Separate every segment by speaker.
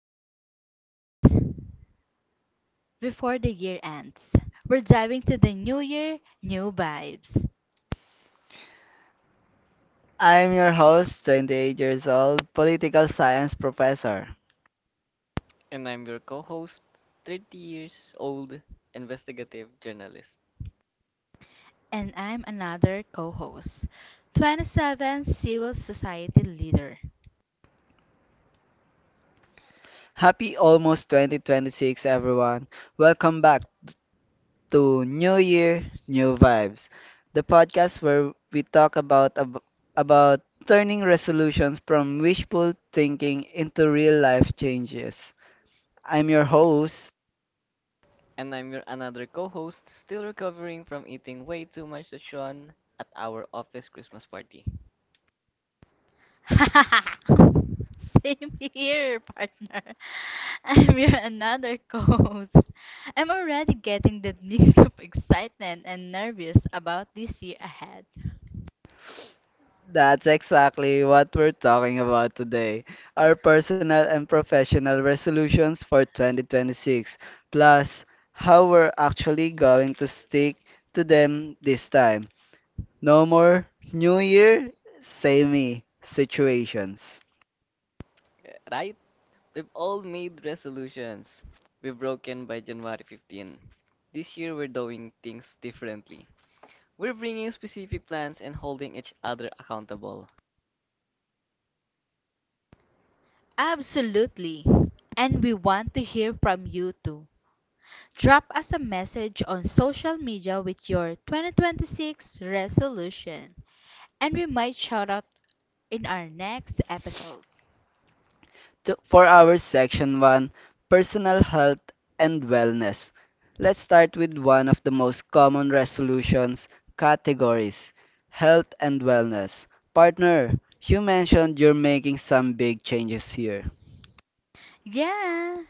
Speaker 1: before the ends, before the year ends, we're diving to the new year, new vibes.
Speaker 2: I'm your host, 28 years old, political science professor.
Speaker 3: And I'm your co host, 30 years old investigative journalist.
Speaker 1: And I'm another co-host, 27 civil society leader.
Speaker 2: Happy almost 2026, everyone. Welcome back to New Year, New Vibes, the podcast where we talk about turning resolutions from wishful thinking into real life changes. I'm your host.
Speaker 3: And I'm your another co host, still recovering from eating way too much lechon at our office Christmas party.
Speaker 1: Same here, partner. I'm your another co-host. I'm already getting that mix of excitement and nervous about this year ahead.
Speaker 2: That's exactly what we're talking about today. Our personal and professional resolutions for 2026, plus how we're actually going to stick to them this time. No more New Year, same me situations.
Speaker 3: Right? We've all made resolutions. We've broken by January 15. This year we're doing things differently. We're bringing specific plans and holding each other accountable.
Speaker 1: Absolutely. And we want to hear from you too. Drop us a message on social media with your 2026 resolution, and we might shout out in our next episode.
Speaker 2: For our section 1, personal health and wellness. Let's start with one of the most common resolutions categories, health and wellness. Partner, you mentioned you're making some big changes here.
Speaker 1: Yeah,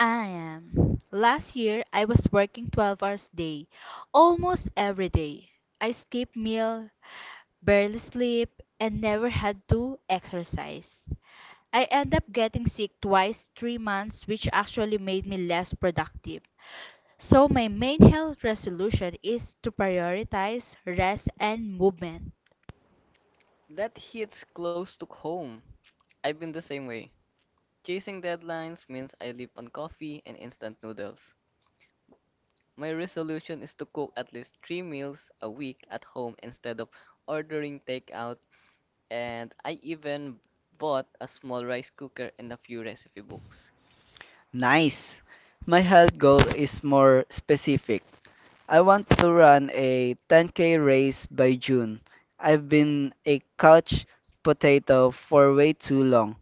Speaker 1: I am. Last year, I was working 12 hours a day, almost every day. I skipped meal, barely sleep, and never had to exercise. I ended up getting sick twice 3 months which actually made me less productive. So, my main health resolution is to prioritize rest and movement.
Speaker 3: That hits close to home. I've been the same way. Chasing deadlines means I live on coffee and instant noodles. My resolution is to cook at least three meals a week at home instead of ordering takeout, and I even bought a small rice cooker and a few recipe books.
Speaker 2: Nice! My health goal is more specific. I want to run a 10k race by June. I've been a couch potato for way too long.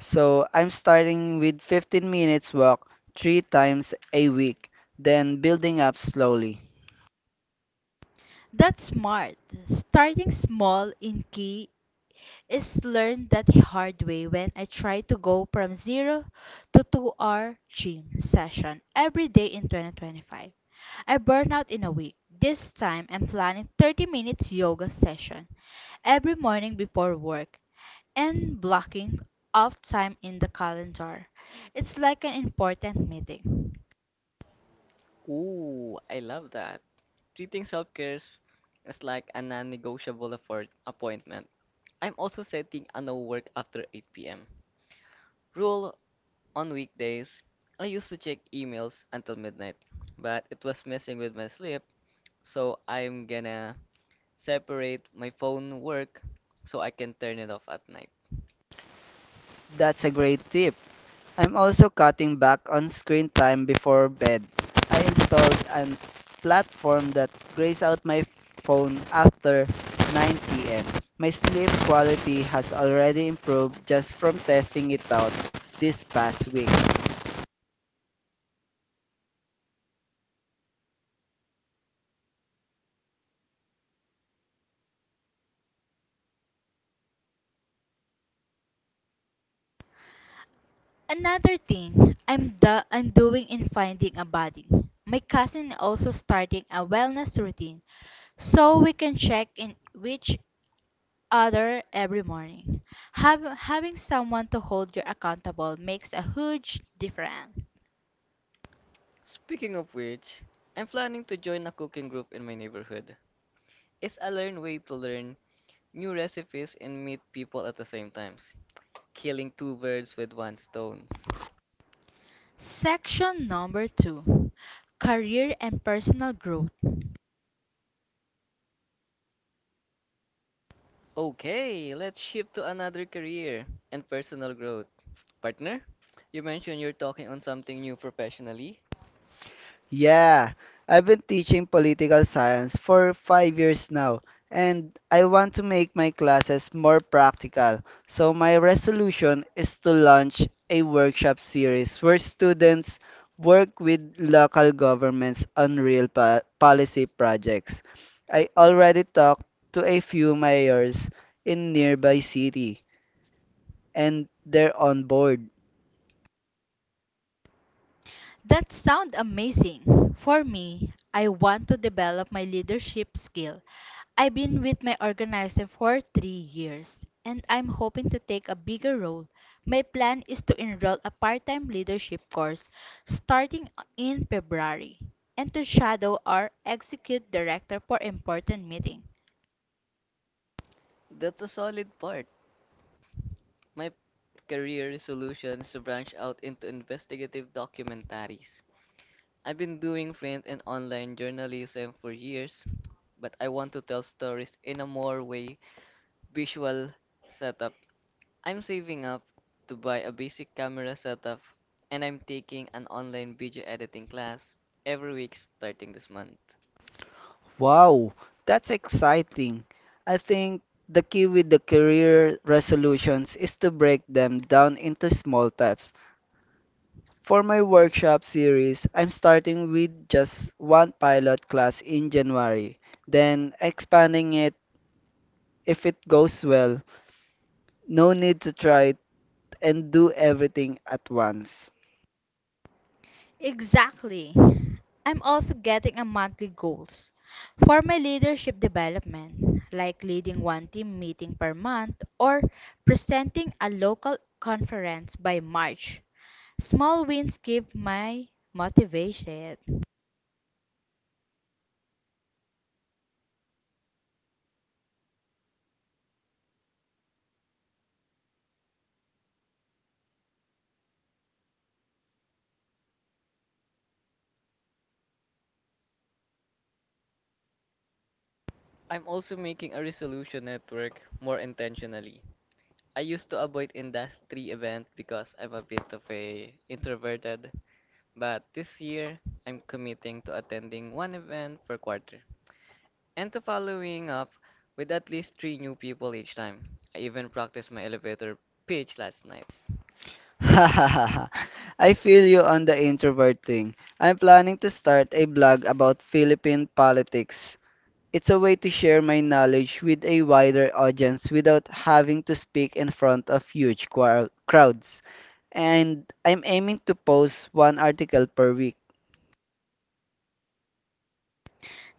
Speaker 2: So I'm starting with 15 minutes walk three times a week, then building up slowly.
Speaker 1: That's smart. Starting small in key is learned that the hard way when I tried to go from 0 to 2 hour gym session every day in 2025. I burned out in a week. This time I'm planning 30 minutes yoga session every morning before work and blocking off time in the calendar. It's like an important meeting.
Speaker 3: Ooh, I love that. Treating self care is like a non negotiable appointment. I'm also setting a no work after 8 p.m. rule on weekdays. I used to check emails until midnight, but it was messing with my sleep, so I'm gonna separate my phone work so I can turn it off at night.
Speaker 2: That's a great tip. I'm also cutting back on screen time before bed. I installed a platform that grays out my phone after 9 p.m. My sleep quality has already improved just from testing it out this past week.
Speaker 1: Another thing I'm doing in finding a body. My cousin also starting a wellness routine so we can check in each other every morning. Having someone to hold you accountable makes a huge difference.
Speaker 3: Speaking of which, I'm planning to join a cooking group in my neighborhood. It's a learn way to learn new recipes and meet people at the same times, killing two birds with one stone.
Speaker 1: Section number 2. Career and personal growth.
Speaker 3: Okay, let's shift to another career and personal growth. Partner, you mentioned you're talking on something new professionally.
Speaker 2: Yeah, I've been teaching political science for 5 years now, and I want to make my classes more practical. So, my resolution is to launch a workshop series where students work with local governments on policy projects. I already talked to a few mayors in nearby city, and they're on board.
Speaker 1: That sounds amazing. For me, I want to develop my leadership skill. I've been with my organizer for 3 years, and I'm hoping to take a bigger role. My plan is to enroll a part time leadership course starting in February and to shadow our execute director for important meetings.
Speaker 3: That's a solid part. My career resolution is to branch out into investigative documentaries. I've been doing print and online journalism for years, but I want to tell stories in a more way visual setup. I'm saving up to buy a basic camera setup, and I'm taking an online video editing class every week starting this month.
Speaker 2: Wow, that's exciting. I think the key with the career resolutions is to break them down into small steps. For my workshop series, I'm starting with just one pilot class in January, then expanding it if it goes well. No need to try it and do everything at once.
Speaker 1: Exactly. I'm also getting a monthly goals for my leadership development, like leading one team meeting per month or presenting a local conference by March. Small wins give my motivation.
Speaker 3: I'm also making a resolution network more intentionally. I used to avoid industry events because I'm a bit of a introverted, but this year I'm committing to attending one event per quarter and to following up with at least three new people each time. I even practiced my elevator pitch last night.
Speaker 2: I feel you on the introvert thing. I'm planning to start a blog about Philippine politics. It's a way to share my knowledge with a wider audience without having to speak in front of crowds. And I'm aiming to post one article per week.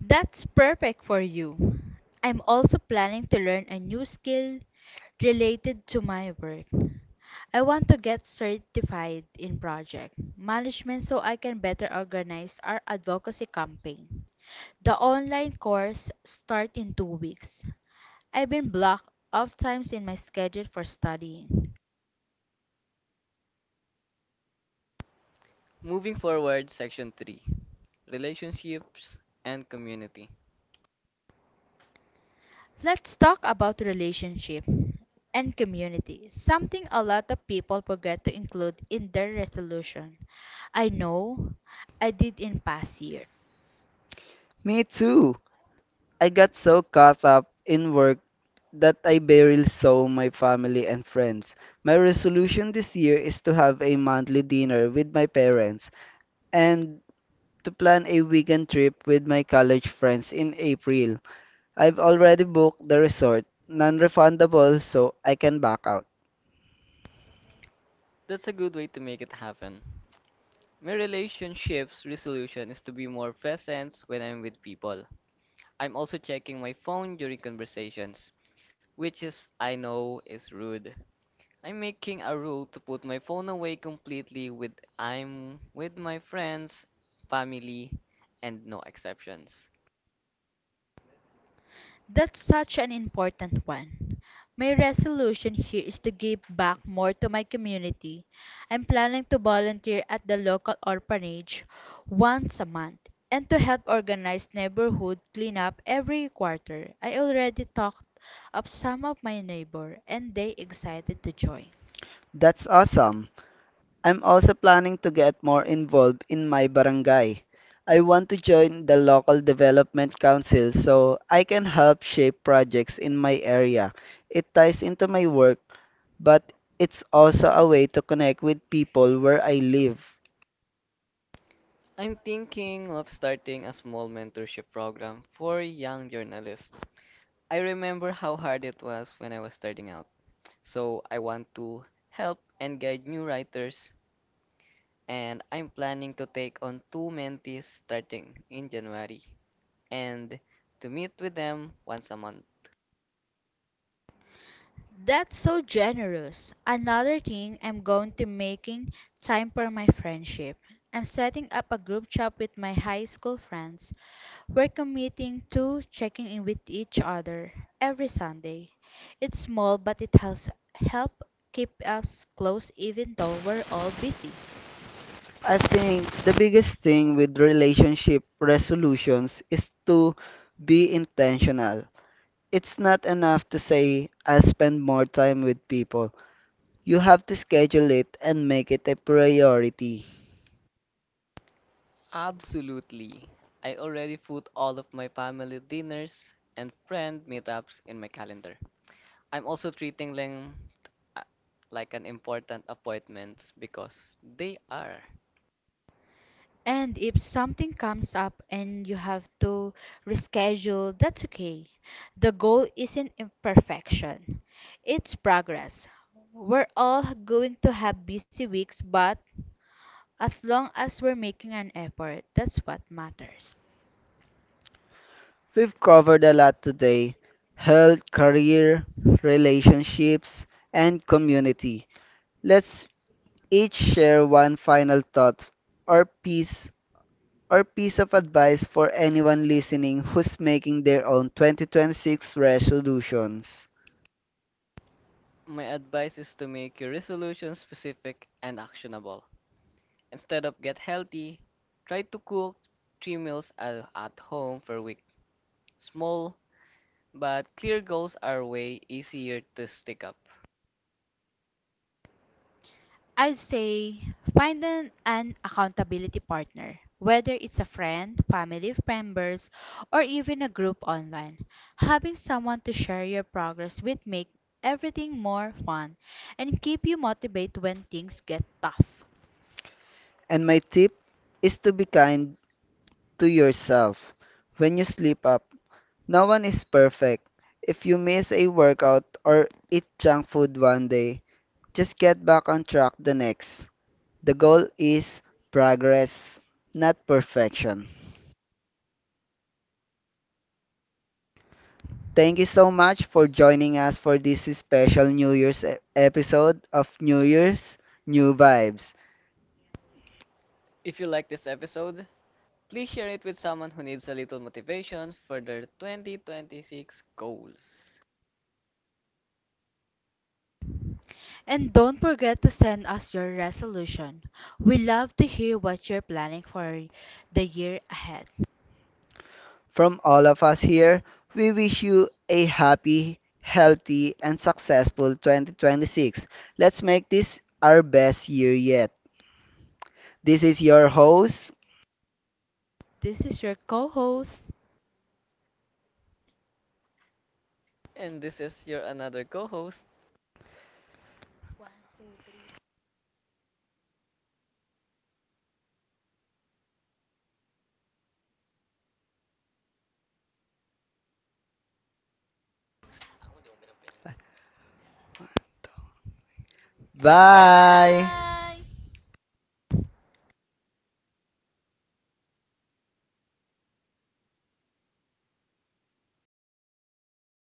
Speaker 1: That's perfect for you. I'm also planning to learn a new skill related to my work. I want to get certified in project management so I can better organize our advocacy campaign. The online course starts in 2 weeks. I've been blocked off times in my schedule for studying.
Speaker 3: Moving forward, section 3, relationships and community.
Speaker 1: Let's talk about relationship and community, something a lot of people forget to include in their resolution. I know I did in past years.
Speaker 2: Me too! I got so caught up in work that I barely saw my family and friends. My resolution this year is to have a monthly dinner with my parents and to plan a weekend trip with my college friends in April. I've already booked the resort, non-refundable, so I can back out.
Speaker 3: That's a good way to make it happen. My relationships resolution is to be more present when I'm with people. I'm also checking my phone during conversations, which is I know is rude. I'm making a rule to put my phone away completely with I'm with my friends, family, and no exceptions.
Speaker 1: That's such an important one. My resolution here is to give back more to my community. I'm planning to volunteer at the local orphanage once a month and to help organize neighborhood cleanup every quarter. I already talked up some of my neighbor and they excited to join.
Speaker 2: That's awesome. I'm also planning to get more involved in my barangay. I want to join the local development council so I can help shape projects in my area. It ties into my work, but it's also a way to connect with people where I live.
Speaker 3: I'm thinking of starting a small mentorship program for young journalists. I remember how hard it was when I was starting out. So I want to help and guide new writers, and I'm planning to take on two mentees starting in January and to meet with them once a month.
Speaker 1: That's so generous. Another thing I'm going to making time for my friendship. I'm setting up a group chat with my high school friends. We're committing to checking in with each other every Sunday. It's small, but it has helped keep us close even though we're all busy.
Speaker 2: I think the biggest thing with relationship resolutions is to be intentional. It's not enough to say, I'll spend more time with people. You have to schedule it and make it a priority.
Speaker 3: Absolutely. I already put all of my family dinners and friend meetups in my calendar. I'm also treating them uh, like an important appointments because they are.
Speaker 1: And if something comes up and you have to reschedule, that's okay. The goal isn't imperfection, it's progress. We're all going to have busy weeks, but as long as we're making an effort, that's what matters.
Speaker 2: We've covered a lot today: health, career, relationships, and community. Let's each share one final thought or piece or piece of advice for anyone listening who's making their own 2026 resolutions.
Speaker 3: My advice is to make your resolution specific and actionable. Instead of get healthy, try to cook three meals at home per week. Small but clear goals are way easier to stick up.
Speaker 1: I'd say find an accountability partner, whether it's a friend, family members, or even a group online. Having someone to share your progress with make everything more fun and keep you motivated when things get tough.
Speaker 2: And my tip is to be kind to yourself when you sleep up. No one is perfect. If you miss a workout or eat junk food one day, just get back on track the next. The goal is progress, not perfection. Thank you so much for joining us for this special episode of New Year's New Vibes.
Speaker 3: If you like this episode, please share it with someone who needs a little motivation for their 2026 goals.
Speaker 1: And don't forget to send us your resolution. We love to hear what you're planning for the year ahead.
Speaker 2: From all of us here, we wish you a happy, healthy, and successful 2026. Let's make this our best year yet. This is your host.
Speaker 1: This is your co-host.
Speaker 3: And this is your another co-host,
Speaker 2: Bye.